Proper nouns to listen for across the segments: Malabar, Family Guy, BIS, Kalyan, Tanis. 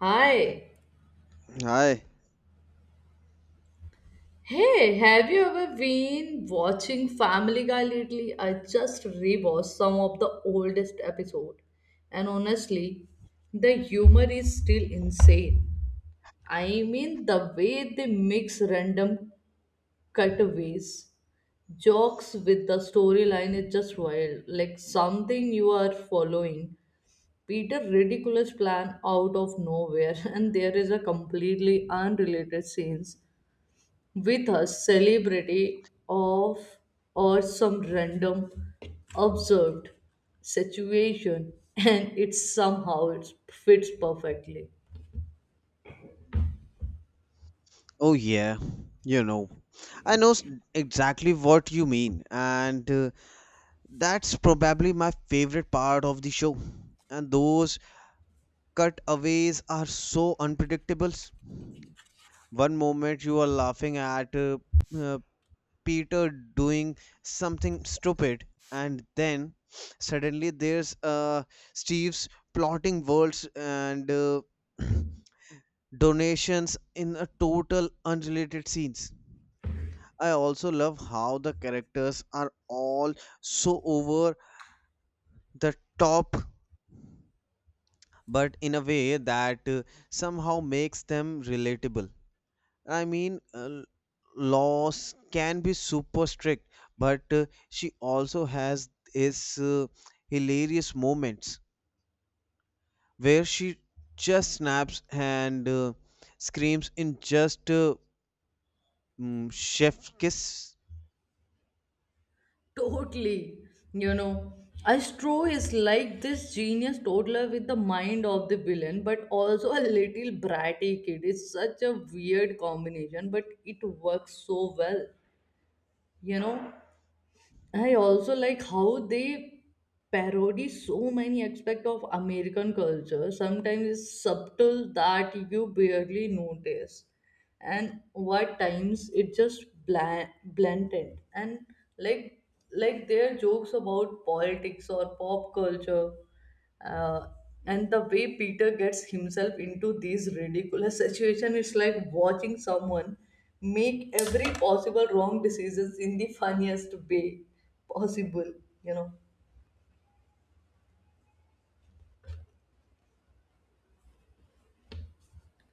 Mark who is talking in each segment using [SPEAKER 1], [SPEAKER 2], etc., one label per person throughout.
[SPEAKER 1] Hi.
[SPEAKER 2] Hi.
[SPEAKER 1] Hey, have you ever been watching Family Guy lately? I just rewatched some of the oldest episode, and honestly, the humor is still insane. I mean, the way they mix random cutaways, jokes with the storyline is just wild. Like something you are following. Peter ridiculous plan out of nowhere, and there is a completely unrelated scenes with a celebrity of or some random observed situation and it somehow it fits perfectly.
[SPEAKER 2] Oh, yeah. You know, I know exactly what you mean, and that's probably my favorite part of the show. And those cutaways are so unpredictable. One moment you are laughing at uh, Peter doing something stupid, and then suddenly there's Steve's plotting worlds and donations in a total unrelated scenes. I also love how the characters are all so over the top, but in a way that somehow makes them relatable. I mean, uh, Laws can be super strict, but she also has his hilarious moments where she just snaps and screams in just chef kiss.
[SPEAKER 1] Totally, you know, astro is like this genius toddler with the mind of the villain but also a little bratty kid. It's such a weird combination but it works so well, you know. I also like how they parody so many aspects of American culture. Sometimes it's subtle that you barely notice, and what times it just bland, blatant and like like their jokes about politics or pop culture, uh, and the way peter gets himself into these ridiculous situation is like watching someone make every possible wrong decisions in the funniest way possible, you know.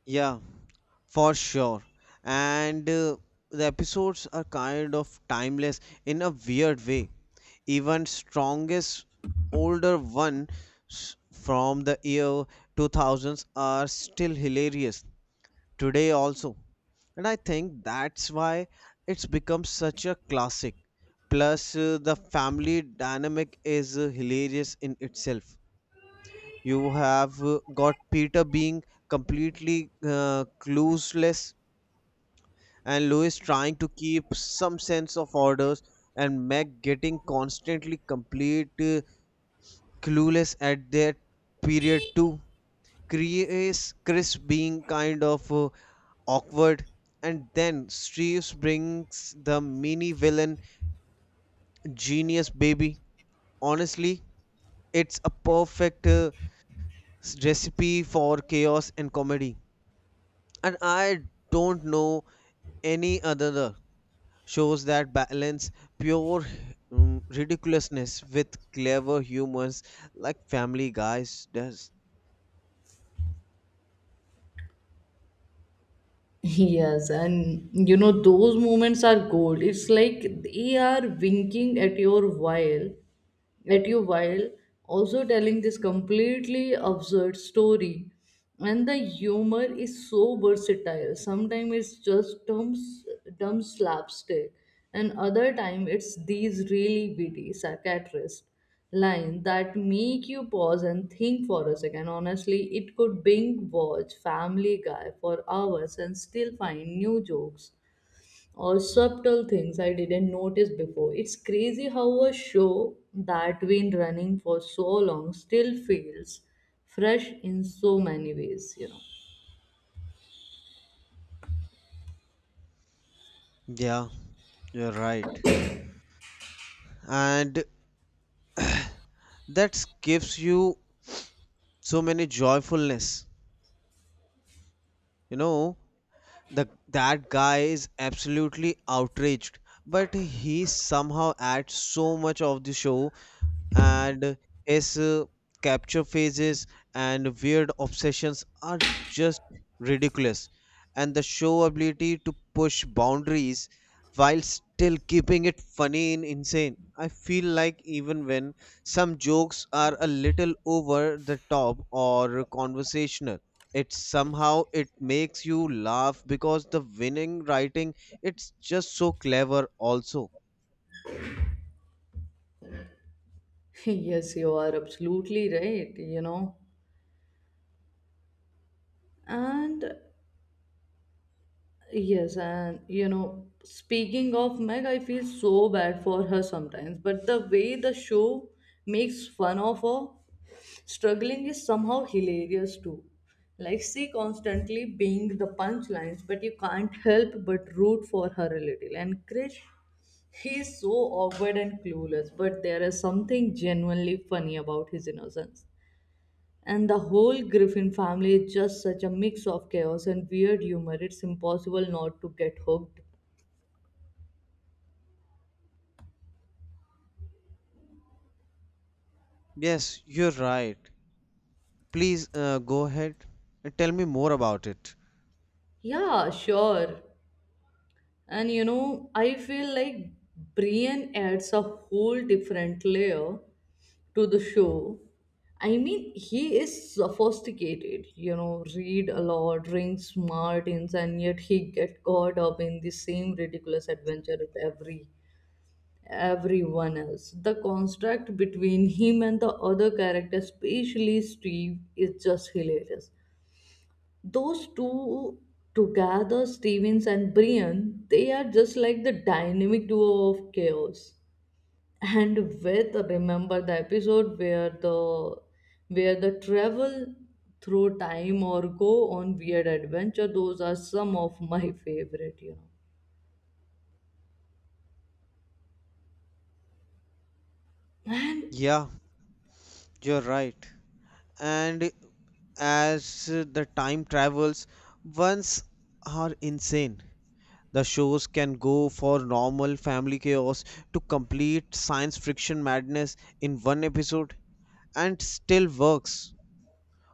[SPEAKER 2] Yeah. For sure. And the episodes are kind of timeless in a weird way. Even strongest older one from the year 2000s are still hilarious today also. And I think that's why it's become such a classic. Plus, the family dynamic is hilarious in itself. You have got Peter being completely clueless and Louis trying to keep some sense of orders, and Meg getting constantly complete clueless at their period too. Chris being kind of awkward, and then Steve's brings the mini villain genius baby. Honestly, it's a perfect recipe for chaos and comedy, and I don't know any other shows that balance pure ridiculousness with clever humors like Family Guys does.
[SPEAKER 1] Yes, and you know those moments are gold. It's like they are winking at your while at you while also telling this completely absurd story, and the humor is so versatile. Sometimes it's just dumb slapstick and other time it's these really witty psychiatrist lines that make you pause and think for a second. Honestly, it could binge watch family guy for hours and still find new jokes or subtle things I didn't notice before. It's crazy how a show that been running for so long still feels fresh in so many ways, you know.
[SPEAKER 2] Yeah, you're right. And that gives you so many joyfulness. You know, the that guy is absolutely outraged, but he somehow adds so much of the show and his capture phases and weird obsessions are just ridiculous. And the show ability to push boundaries while still keeping it funny and insane. I feel like even when some jokes are a little over the top or conversational, it somehow it makes you laugh because the winning writing it's just so clever also.
[SPEAKER 1] Yes, you are absolutely right, you know. And yes, and you know, speaking of Meg, I feel so bad for her sometimes, but the way the show makes fun of her struggling is somehow hilarious too. Like she constantly being the punchlines, but you can't help but root for her a little. And Krish, he is so awkward and clueless, but there is something genuinely funny about his innocence. And the whole Griffin family is just such a mix of chaos and weird humor. It's impossible not to get hooked.
[SPEAKER 2] Yes, you're right. Please go ahead and tell me more about it.
[SPEAKER 1] Yeah, sure. And you know, I feel like Brian adds a whole different layer to the show. I mean, he is sophisticated, you know, read a lot, drinks martins, and yet he get caught up in the same ridiculous adventure as everyone else. The construct between him and the other character, especially Steve, is just hilarious. Those two together, Stevens and Brian, they are just like the dynamic duo of chaos, and with remember the episode where the travel through time or go on weird adventure. Those are some of my favorite, you know. And
[SPEAKER 2] Yeah, you're right. And as the time travels, ones are insane. The shows can go for normal family chaos to complete science fiction madness in one episode and still works.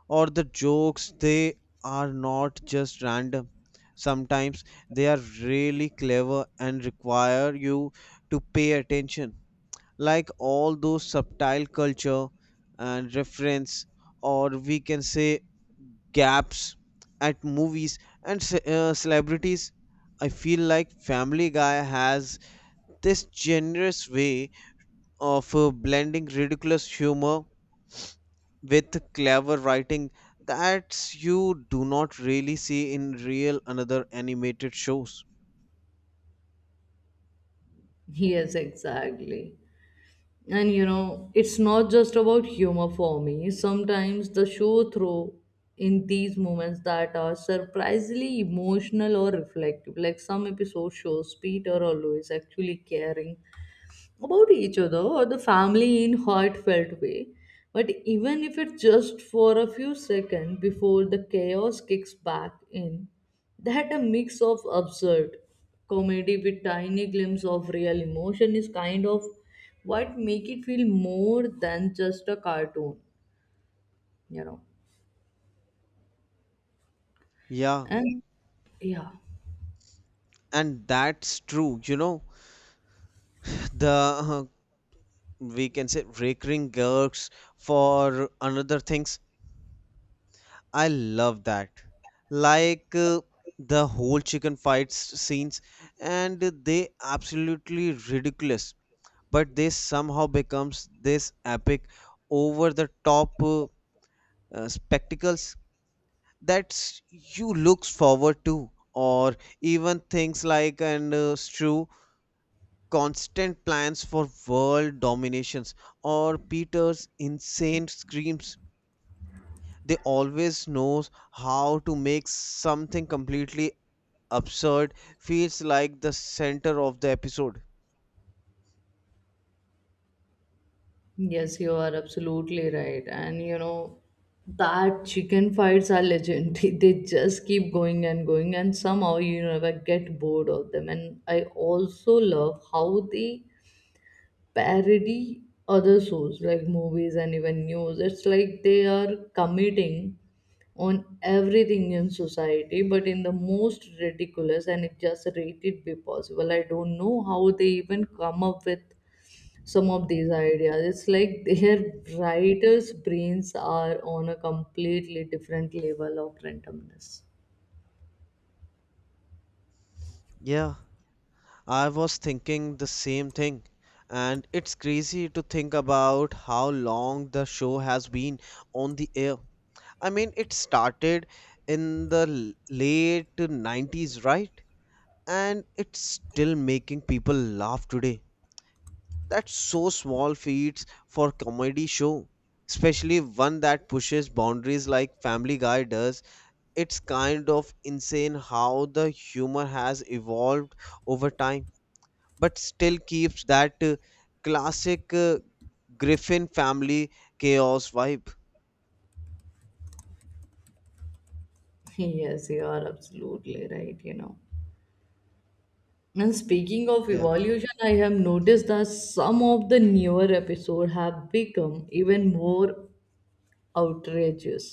[SPEAKER 2] Or the jokes, they are not just random. Sometimes they are really clever and require you to pay attention, like all those subtle culture and reference, or we can say gaps at movies and celebrities. I feel like Family Guy has this generous way of blending ridiculous humor with clever writing that you do not really see in real another animated shows.
[SPEAKER 1] yes, exactly. And you know, it's not just about humor for me. Sometimes the show throw in these moments that are surprisingly emotional or reflective, like some episode shows peter or louis actually caring about each other or the family in heartfelt way. But even if it's just for a few seconds before the chaos kicks back in, that a mix of absurd comedy with tiny glimpse of real emotion is kind of what make it feel more than just a cartoon, you know.
[SPEAKER 2] Yeah,
[SPEAKER 1] And yeah.
[SPEAKER 2] and that's true. You know, the uh, we can say recurring gigs for another things, I love that. Like the whole chicken fights scenes, and they absolutely ridiculous, but they somehow becomes this epic over the top spectacles that you looks forward to. Or even things like and Strew constant plans for world dominations or Peter's insane screams, they always knows how to make something completely absurd feels like the center of the episode.
[SPEAKER 1] Yes, you are absolutely right. And you know, that chicken fights are legendary. They just keep going and going, and somehow you never get bored of them. And I also love how they parody other shows like movies and even news. It's like they are committing on everything in society, but in the most ridiculous and it just rated be possible. I don't know how they even come up with some of these ideas. It's like their writers' brains are on a completely different level of randomness.
[SPEAKER 2] Yeah, I was thinking the same thing. And it's crazy to think about how long the show has been on the air. I mean, it started in the late 90s, right? And it's still making people laugh today. That's so small feats for comedy show, especially one that pushes boundaries like Family Guy does. It's kind of insane how the humor has evolved over time, but still keeps that classic Griffin family chaos vibe.
[SPEAKER 1] Yes, you are absolutely right, you know. And speaking of
[SPEAKER 2] Yeah.
[SPEAKER 1] evolution, I have noticed that some of the newer episodes have become even more outrageous,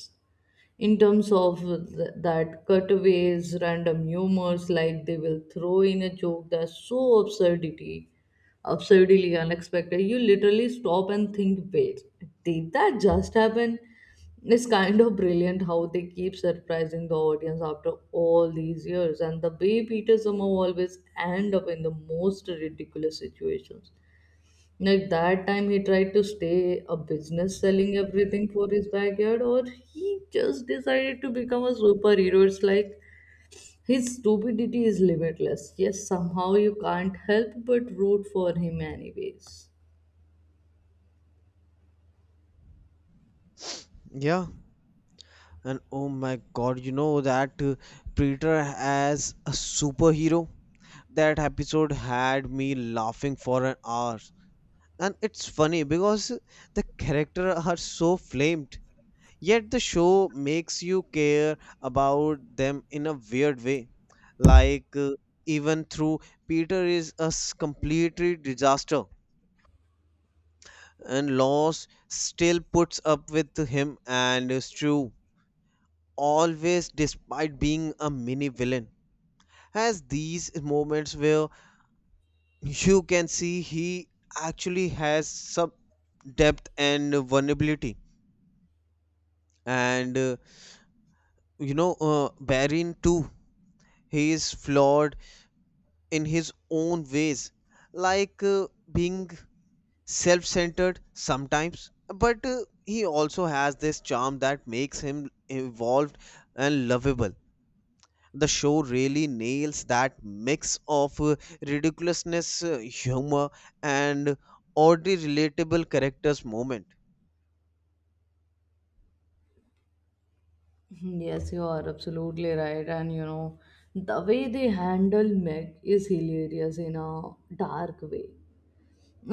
[SPEAKER 1] in terms of that cutaways, random humors. Like they will throw in a joke that's so absurdly unexpected. You literally stop and think, wait, did that just happen? It's kind of brilliant how they keep surprising the audience after all these years, and the way Peter somehow always end up in the most ridiculous situations. Like that time he tried to stay a business selling everything for his backyard, or he just decided to become a superhero. It's like his stupidity is limitless. Yes, somehow you can't help but root for him, anyways.
[SPEAKER 2] Yeah. And oh my god, you know that Preacher as a superhero? That episode had me laughing for an hour. And it's funny because the character are so flamed, yet the show makes you care about them in a weird way. Like even through Peter is a completely disaster and loss still puts up with him, and is always, despite being a mini villain, has these moments where you can see he actually has some depth and vulnerability. And you know, Barin too, he is flawed in his own ways, like being self-centered sometimes, but he also has this charm that makes him evolved and lovable. The show really nails that mix of ridiculousness humor and oddly relatable characters moment.
[SPEAKER 1] Yes, you are absolutely right. And you know, the way they handle Meg is hilarious in a dark way.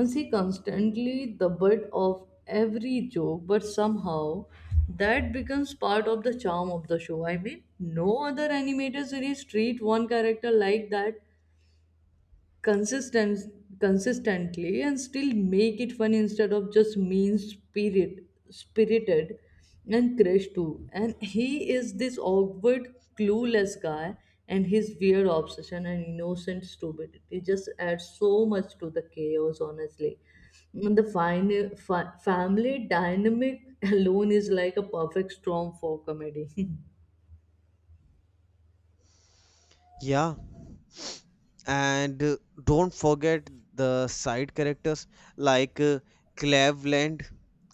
[SPEAKER 1] See, constantly the butt of every joke, but somehow that becomes part of the charm of the show. I mean, no other animated series treat one character like that consistent consistently and still make it fun instead of just mean spirit spirited. And crash too, and he is this awkward clueless guy, and his weird obsession and innocent stupidity just adds so much to the chaos, honestly. And the family dynamic alone is like a perfect storm for comedy.
[SPEAKER 2] Yeah, and don't forget the side characters, like Cleveland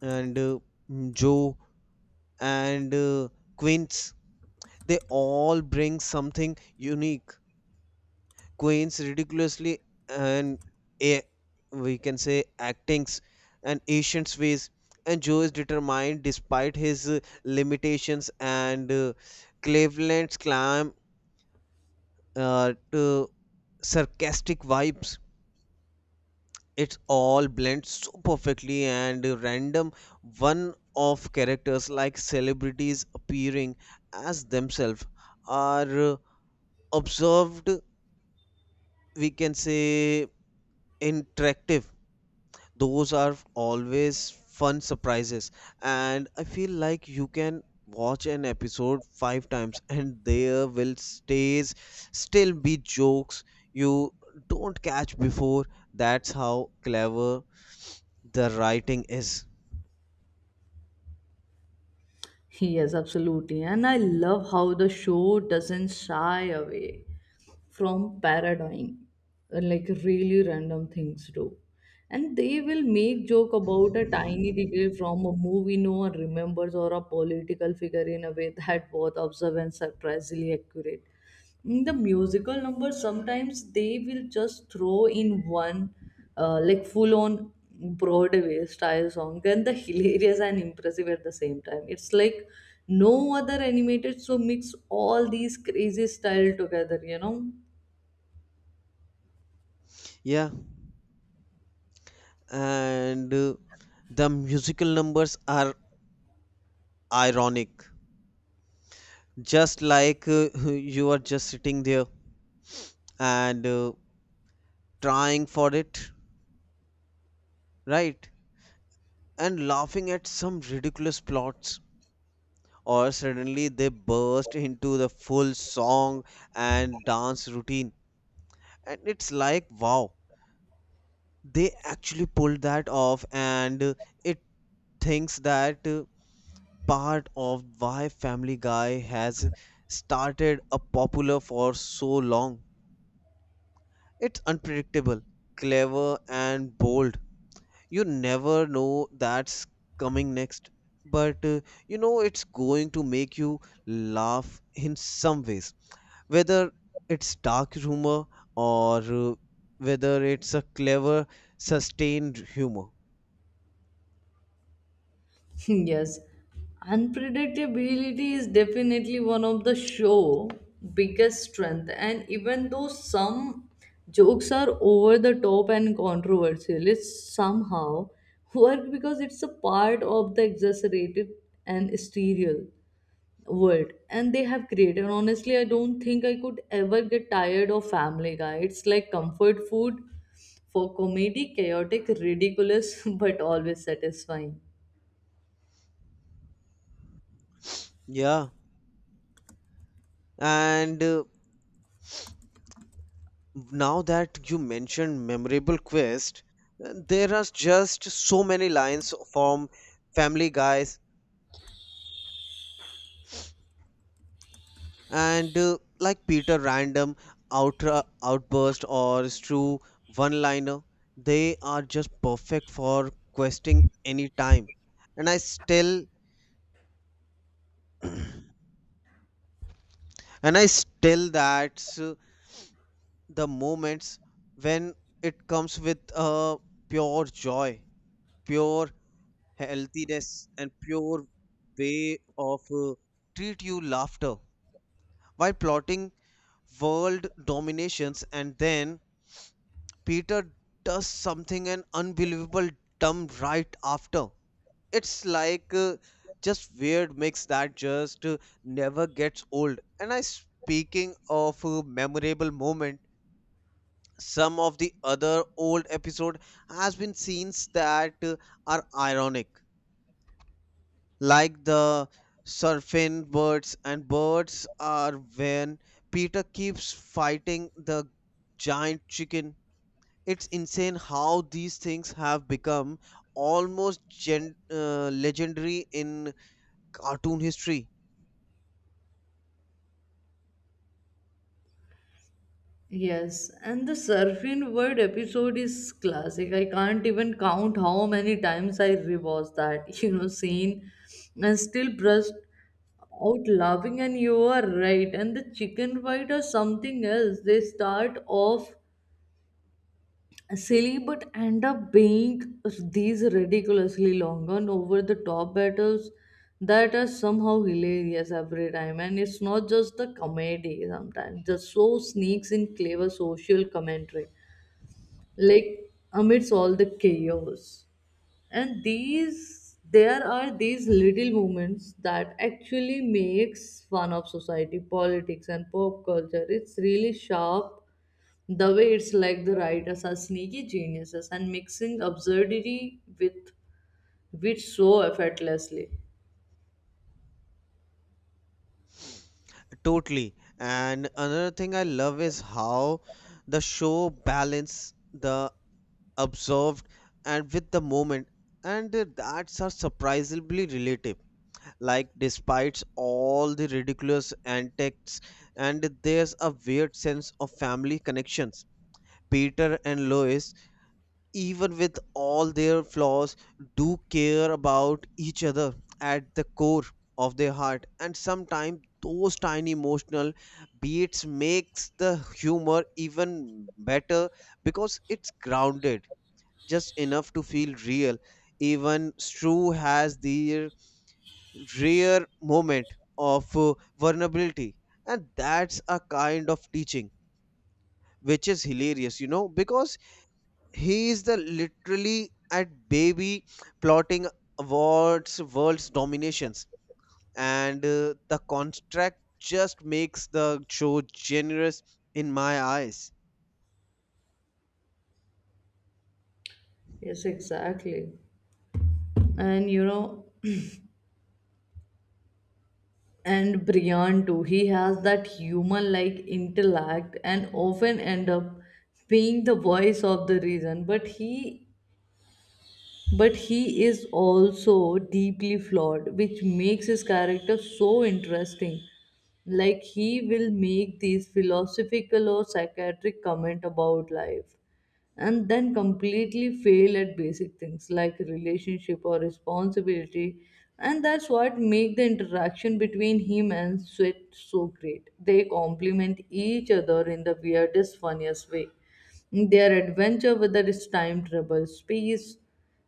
[SPEAKER 2] and Joe and Quince. They all bring something unique. Quince ridiculously and a, we can say, actings and Asian's ways. And Joe is determined despite his limitations, and Cleveland's clam to sarcastic vibes, it's all blends so perfectly. And random one off characters like celebrities appearing as themselves are observed, we can say interactive, those are always fun surprises. And I feel like you can watch an episode five times and there will stays still be jokes you don't catch before. That's how clever the writing is.
[SPEAKER 1] Yes, absolutely. And I love how the show doesn't shy away from paradigm, like really random things do. And they will make joke about a tiny detail from a movie no one remembers or a political figure in a way that both observe and surprisingly accurate. In the musical numbers sometimes they will just throw in one, like full on broadway style song, and the hilarious and impressive at the same time. It's like no other animated so mix all these crazy style together, you know.
[SPEAKER 2] Yeah, and the musical numbers are ironic. Just like you are just sitting there and trying for it, right? And laughing at some ridiculous plots. Or suddenly they burst into the full song and dance routine. And it's like, wow, they actually pulled that off, and it thinks that. Part of why Family Guy has started a popular for so long. It's unpredictable, clever and bold. You never know that's coming next, but you know it's going to make you laugh in some ways. Whether it's dark humor or whether it's a clever sustained humor.
[SPEAKER 1] Yes, unpredictability is definitely one of the show biggest strength, and even though some jokes are over the top and controversial it somehow work because it's a part of the exaggerated and sterile world and they have created. Honestly, I don't think I could ever get tired of family guy. It's like comfort food for comedy, chaotic, ridiculous, but always satisfying.
[SPEAKER 2] Yeah, and now that you mentioned memorable quest, there are just so many lines from Family Guys, and like Peter random out outburst or true one liner, they are just perfect for questing any time. And i still and i still that's the moments when it comes with pure joy, pure healthiness and pure way of treat you laughter while plotting world dominations, and then Peter does something an unbelievable dumb right after. It's like just weird mix that just never gets old. And I, speaking of memorable moment, some of the other old episode has been scenes that are ironic, like the surfing birds and birds are when Peter keeps fighting the giant chicken. It's insane how these things have become almost legendary in cartoon history.
[SPEAKER 1] Yes, and the surfing word episode is classic. I can't even count how many times I rewatched that, you know, scene and still burst out laughing. And you are right. And the chicken fight or something else, they start off silly but end up being these ridiculously long and over the top battles that are somehow hilarious every time. And it's not just the comedy. Sometimes the show sneaks in clever social commentary, like amidst all the chaos. And these there are these little moments that actually makes fun of society politics and pop culture. It's really sharp the way it's like the writers are sneaky geniuses and mixing absurdity with wit so effortlessly.
[SPEAKER 2] Totally, and another thing I love is how the show balance the observed and with the moment, and that's are surprisingly relative. Like despite all the ridiculous antics, and there's a weird sense of family connections. Peter and Lois, even with all their flaws, do care about each other at the core of their heart, and sometimes those tiny emotional beats makes the humor even better because it's grounded just enough to feel real. Even Stru has their rare moment of vulnerability, and that's a kind of teaching, which is hilarious, you know, because he is the literally at baby plotting awards world's dominations, and the contract just makes the show generous in my eyes.
[SPEAKER 1] Yes, exactly. And you know, and Brian too, he has that human like intellect and often end up being the voice of the reason, but he is also deeply flawed which makes his character so interesting. Like he will make these philosophical or psychiatric comment about life and then completely fail at basic things like relationship or responsibility. And that's what make the interaction between him and sweat so great. They complement each other in the weirdest funniest way. Their adventure, whether it's time travel space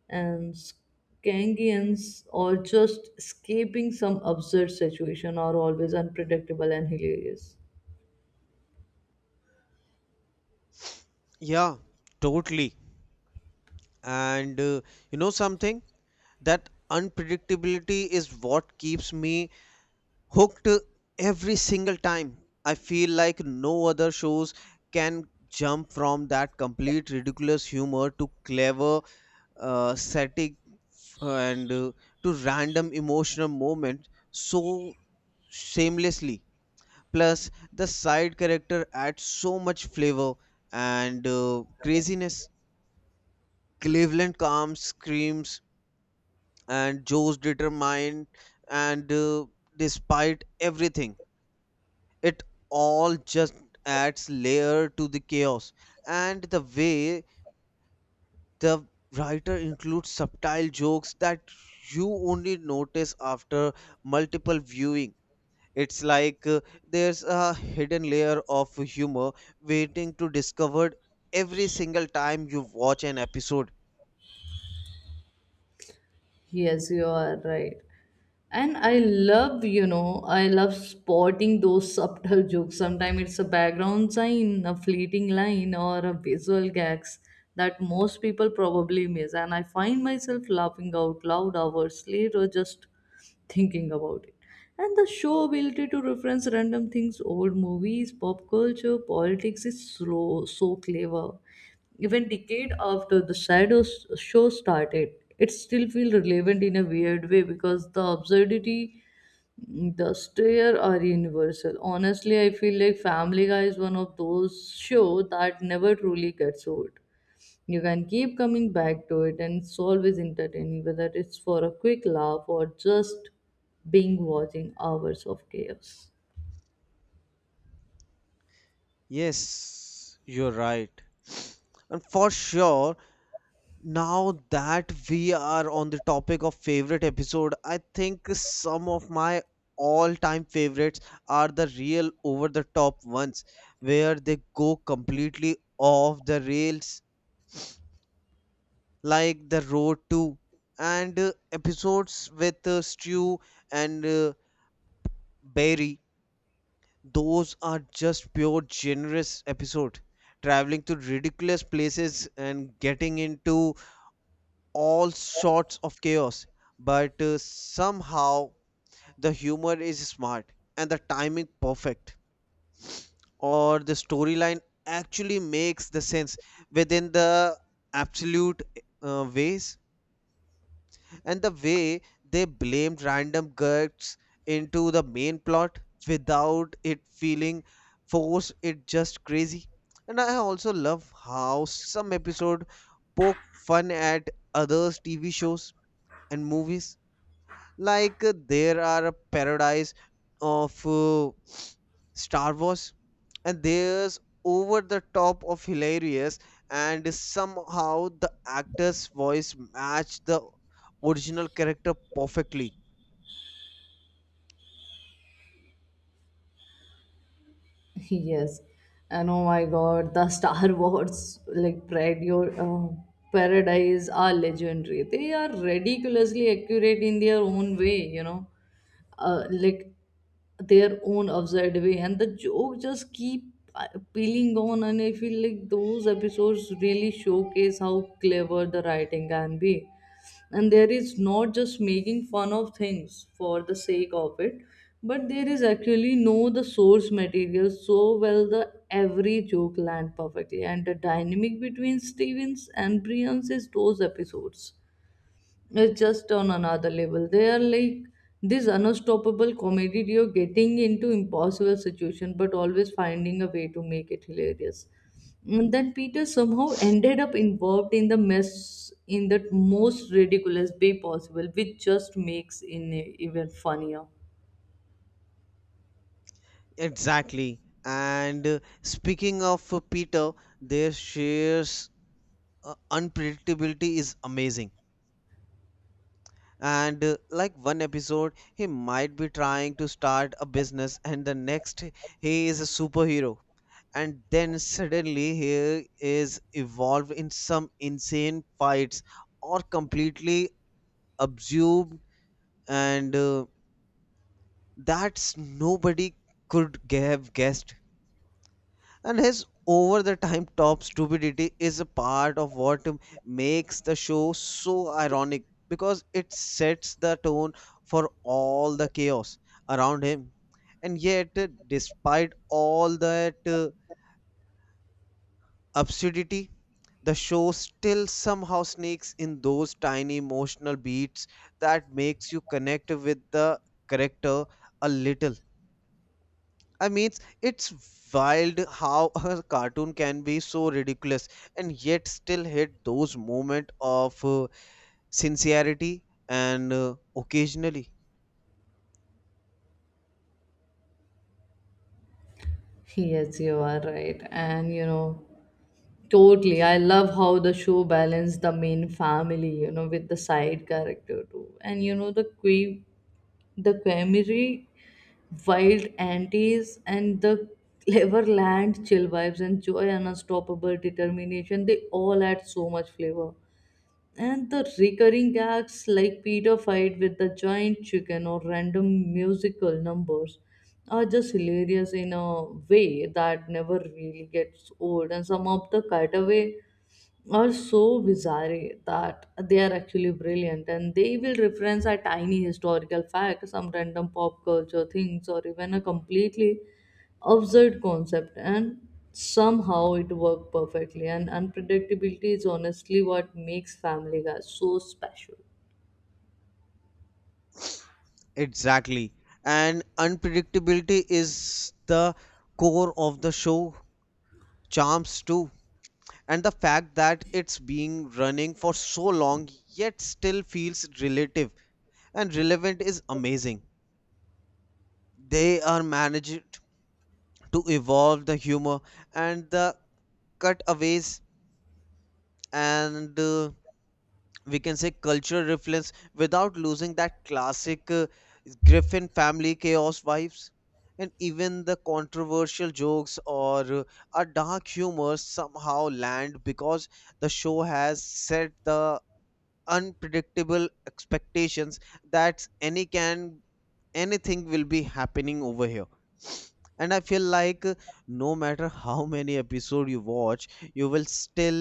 [SPEAKER 1] and skangians or just escaping some absurd situation, are always unpredictable and hilarious.
[SPEAKER 2] Yeah, totally, and you know something, that unpredictability is what keeps me hooked every single time. I feel like no other shows can jump from that complete ridiculous humor to clever static and to random emotional moment so seamlessly. Plus, the side character adds so much flavor and craziness. Cleveland calms, screams, and Joe's determined, and despite everything, it all just adds layer to the chaos. And the way the writer includes subtle jokes that you only notice after multiple viewing, it's like there's a hidden layer of humor waiting to discovered every single time you watch an episode.
[SPEAKER 1] Yes, you are right. And I love, you know, I love spotting those subtle jokes. Sometimes it's a background sign, a fleeting line, or a visual gags that most people probably miss. And I find myself laughing out loud hours later just thinking about it. And the show ability to reference random things, old movies, pop culture, politics is slow, so clever. Even decade after the Shadows show started, it still feels relevant in a weird way because the absurdity, the stare are universal. Honestly, I feel like Family Guy is one of those show that never truly gets old. You can keep coming back to it and it's always entertaining, whether it's for a quick laugh or just being watching hours of chaos.
[SPEAKER 2] Yes, you're right, and for sure. Now that we are on the topic of favorite episode, I think some of my all-time favorites are the real over-the-top ones where they go completely off the rails, like The Road 2 and episodes with Stu and Barry. Those are just pure generous episode. Traveling to ridiculous places and getting into all sorts of chaos, but somehow the humor is smart and the timing perfect, or the storyline actually makes the sense within the absolute ways. And the way they blamed random guts into the main plot without it feeling forced, it just crazy. And I also love how some episode poke fun at others TV shows and movies. Like there are a paradise of Star Wars, and there's over the top of hilarious, and somehow the actor's voice matched the original character perfectly.
[SPEAKER 1] Yes, and oh my God, the Star Wars like radio parodies are legendary. They are ridiculously accurate in their own way, you know, like their own absurd way, and the joke just keep uh, peeling on. And I feel like those episodes really showcase how clever the writing can be, and there is not just making fun of things for the sake of it, but there is actually know the source material so well the every joke land perfectly. And the dynamic between stevens and brians is those episodes, it's just on another level. They are like this unstoppable comedy duo getting into impossible situation but always finding a way to make it hilarious. And then Peter somehow ended up involved in the mess in the most ridiculous way possible, which just makes it even funnier.
[SPEAKER 2] Exactly. And speaking of Peter, their shares unpredictability is amazing. And like one episode, he might be trying to start a business, and the next, he is a superhero. And then suddenly he is evolved in some insane fights or completely absorbed, and that's nobody could have guessed. And his over the time top stupidity is a part of what makes the show so ironic because it sets the tone for all the chaos around him. And yet despite all that absurdity, the show still somehow sneaks in those tiny emotional beats that makes you connect with the character a little. I mean, it's wild how a cartoon can be so ridiculous and yet still hit those moments of sincerity and occasionally.
[SPEAKER 1] Yes, you are right. And you know, totally. I love how the show balanced the main family, you know, with the side character too. And you know, the quirky, the Quemery, wild antis, and the clever land chill vibes and joy and unstoppable determination. They all add so much flavor. And the recurring gags like Peter fight with the giant chicken or random musical numbers are just hilarious in a way that never really gets old. And some of the cutaway are so bizarre that they are actually brilliant, and they will reference a tiny historical fact, some random pop culture things, or even a completely absurd concept, and somehow it worked perfectly. And unpredictability is honestly what makes Family Guy so special.
[SPEAKER 2] Exactly. And unpredictability is the core of the show charms too, and the fact that it's being running for so long yet still feels relative and relevant is amazing. They are managed to evolve the humor and the cutaways and we can say cultural reference without losing that classic Griffin family chaos vibes. And even the controversial jokes or a dark humor somehow land because the show has set the unpredictable expectations that anything will be happening over here. And I feel like no matter how many episode you watch, you will still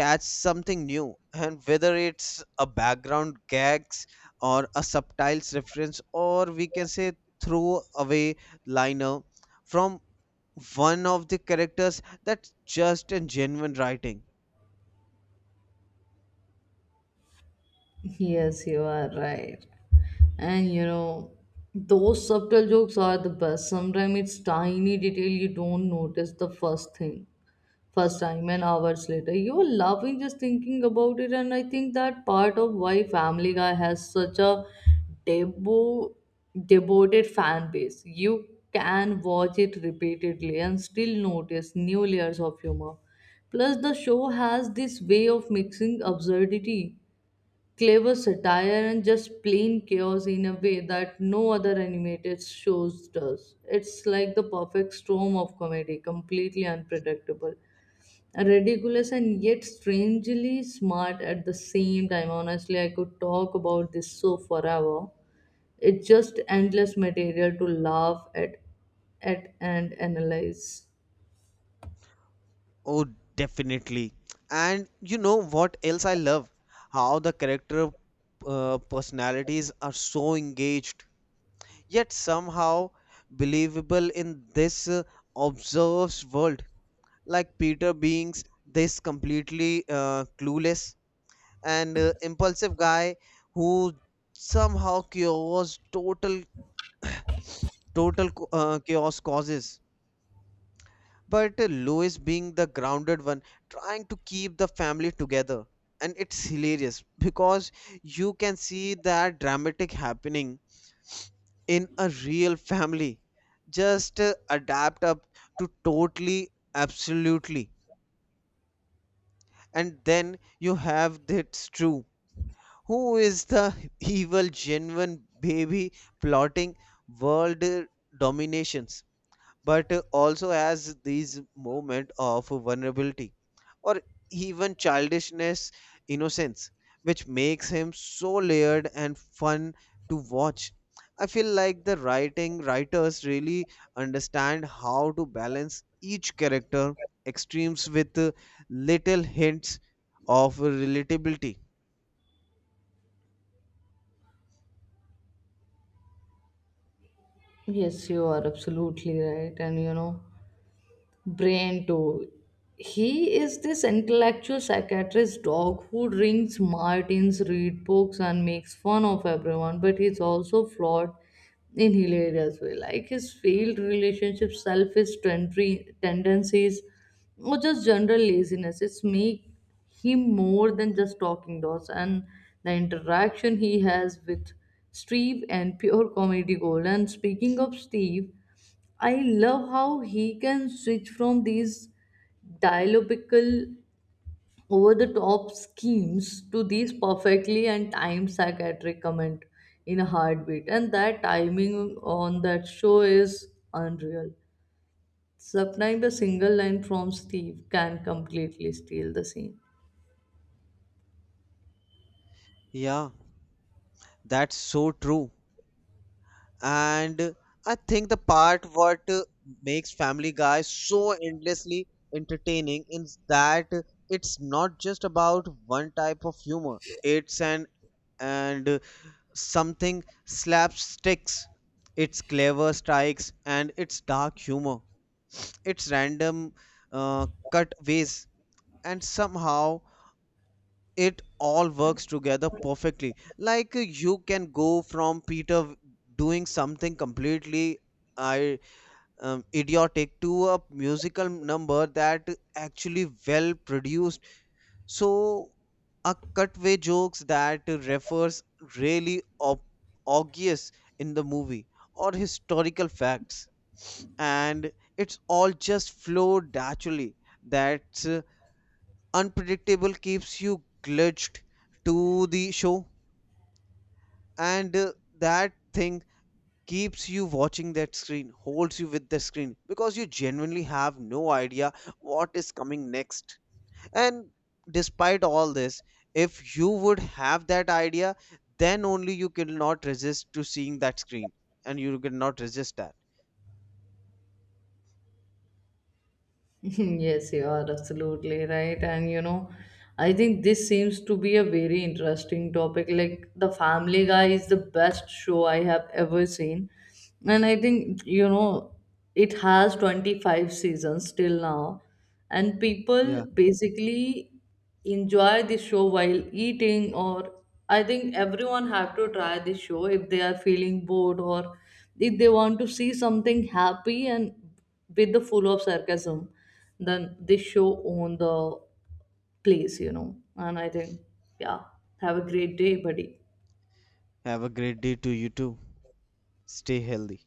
[SPEAKER 2] catch something new, and whether it's a background gags or a subtitles reference or we can say throw away liner from one of the characters, that's just and genuine writing.
[SPEAKER 1] Yes, you are right. And you know, those subtle jokes are the best. Sometimes it's tiny detail you don't notice the first thing. First time and hours later you are laughing just thinking about it. And I think that part of why family guy has such a debo- devoted fan base. You can watch it repeatedly and still notice new layers of humor. Plus the show has this way of mixing absurdity, clever satire and just plain chaos in a way that no other animated shows does. It's like the perfect storm of comedy, completely unpredictable, ridiculous and yet strangely smart at the same time. Honestly, I could talk about this so forever. It's just endless material to laugh at and analyze.
[SPEAKER 2] Oh, definitely. And you know what else I love? How the character personalities are so engaged, yet somehow believable in this observed world. Like Peter being this completely clueless and impulsive guy who somehow cures total chaos causes. But Lois, being the grounded one, trying to keep the family together. And it's hilarious because you can see that dramatic happening in a real family. Just adapt up to totally, absolutely. And then you have that's true. Who is the evil, genuine baby plotting world dominations? But also as these moment of vulnerability or even childishness innocence, which makes him so layered and fun to watch. I feel like the writing writers really understand how to balance each character extremes with little hints of relatability.
[SPEAKER 1] Yes, you are absolutely right. And you know, Brain too. He is this intellectual psychiatrist dog who drinks martins, read books, and makes fun of everyone, but he's also flawed in hilarious way. Like his failed relationships, selfish tendencies, or just general laziness. It's make him more than just talking dogs, and the interaction he has with Steve and pure comedy gold. And speaking of Steve, I love how he can switch from these dialogical, over the top schemes to these perfectly and timed psychiatric comment in a heartbeat. And that timing on that show is unreal. Sometimes a single line from Steve can completely steal the scene.
[SPEAKER 2] Yeah, that's so true. And I think the part what makes Family Guy so endlessly entertaining is that it's not just about one type of humor. It's an, and something slapsticks. It's clever strikes and it's dark humor. It's random cutaways, and somehow it all works together perfectly. Like you can go from Peter doing something completely I idiotic to a musical number that actually well produced. So a cutaway jokes that refers really obvious in the movie or historical facts, and it's all just flowed naturally. That unpredictable keeps you glitched to the show, and that thing keeps you watching that screen, holds you with the screen because you genuinely have no idea what is coming next. And despite all this, if you would have that idea, then only you cannot resist to seeing that screen and you cannot resist that.
[SPEAKER 1] Yes, you are absolutely right. And you know, I think this seems to be a very interesting topic. Like, The Family Guy is the best show I have ever seen. And I think, you know, it has 25 seasons till now. And
[SPEAKER 2] Yeah.
[SPEAKER 1] people basically enjoy the show while eating, or I think everyone have to try this show if they are feeling bored, or if they want to see something happy and with the full of sarcasm, then this show on the place, you know. And I think, yeah, have a great day, buddy.
[SPEAKER 2] Have a great day to you too. Stay healthy.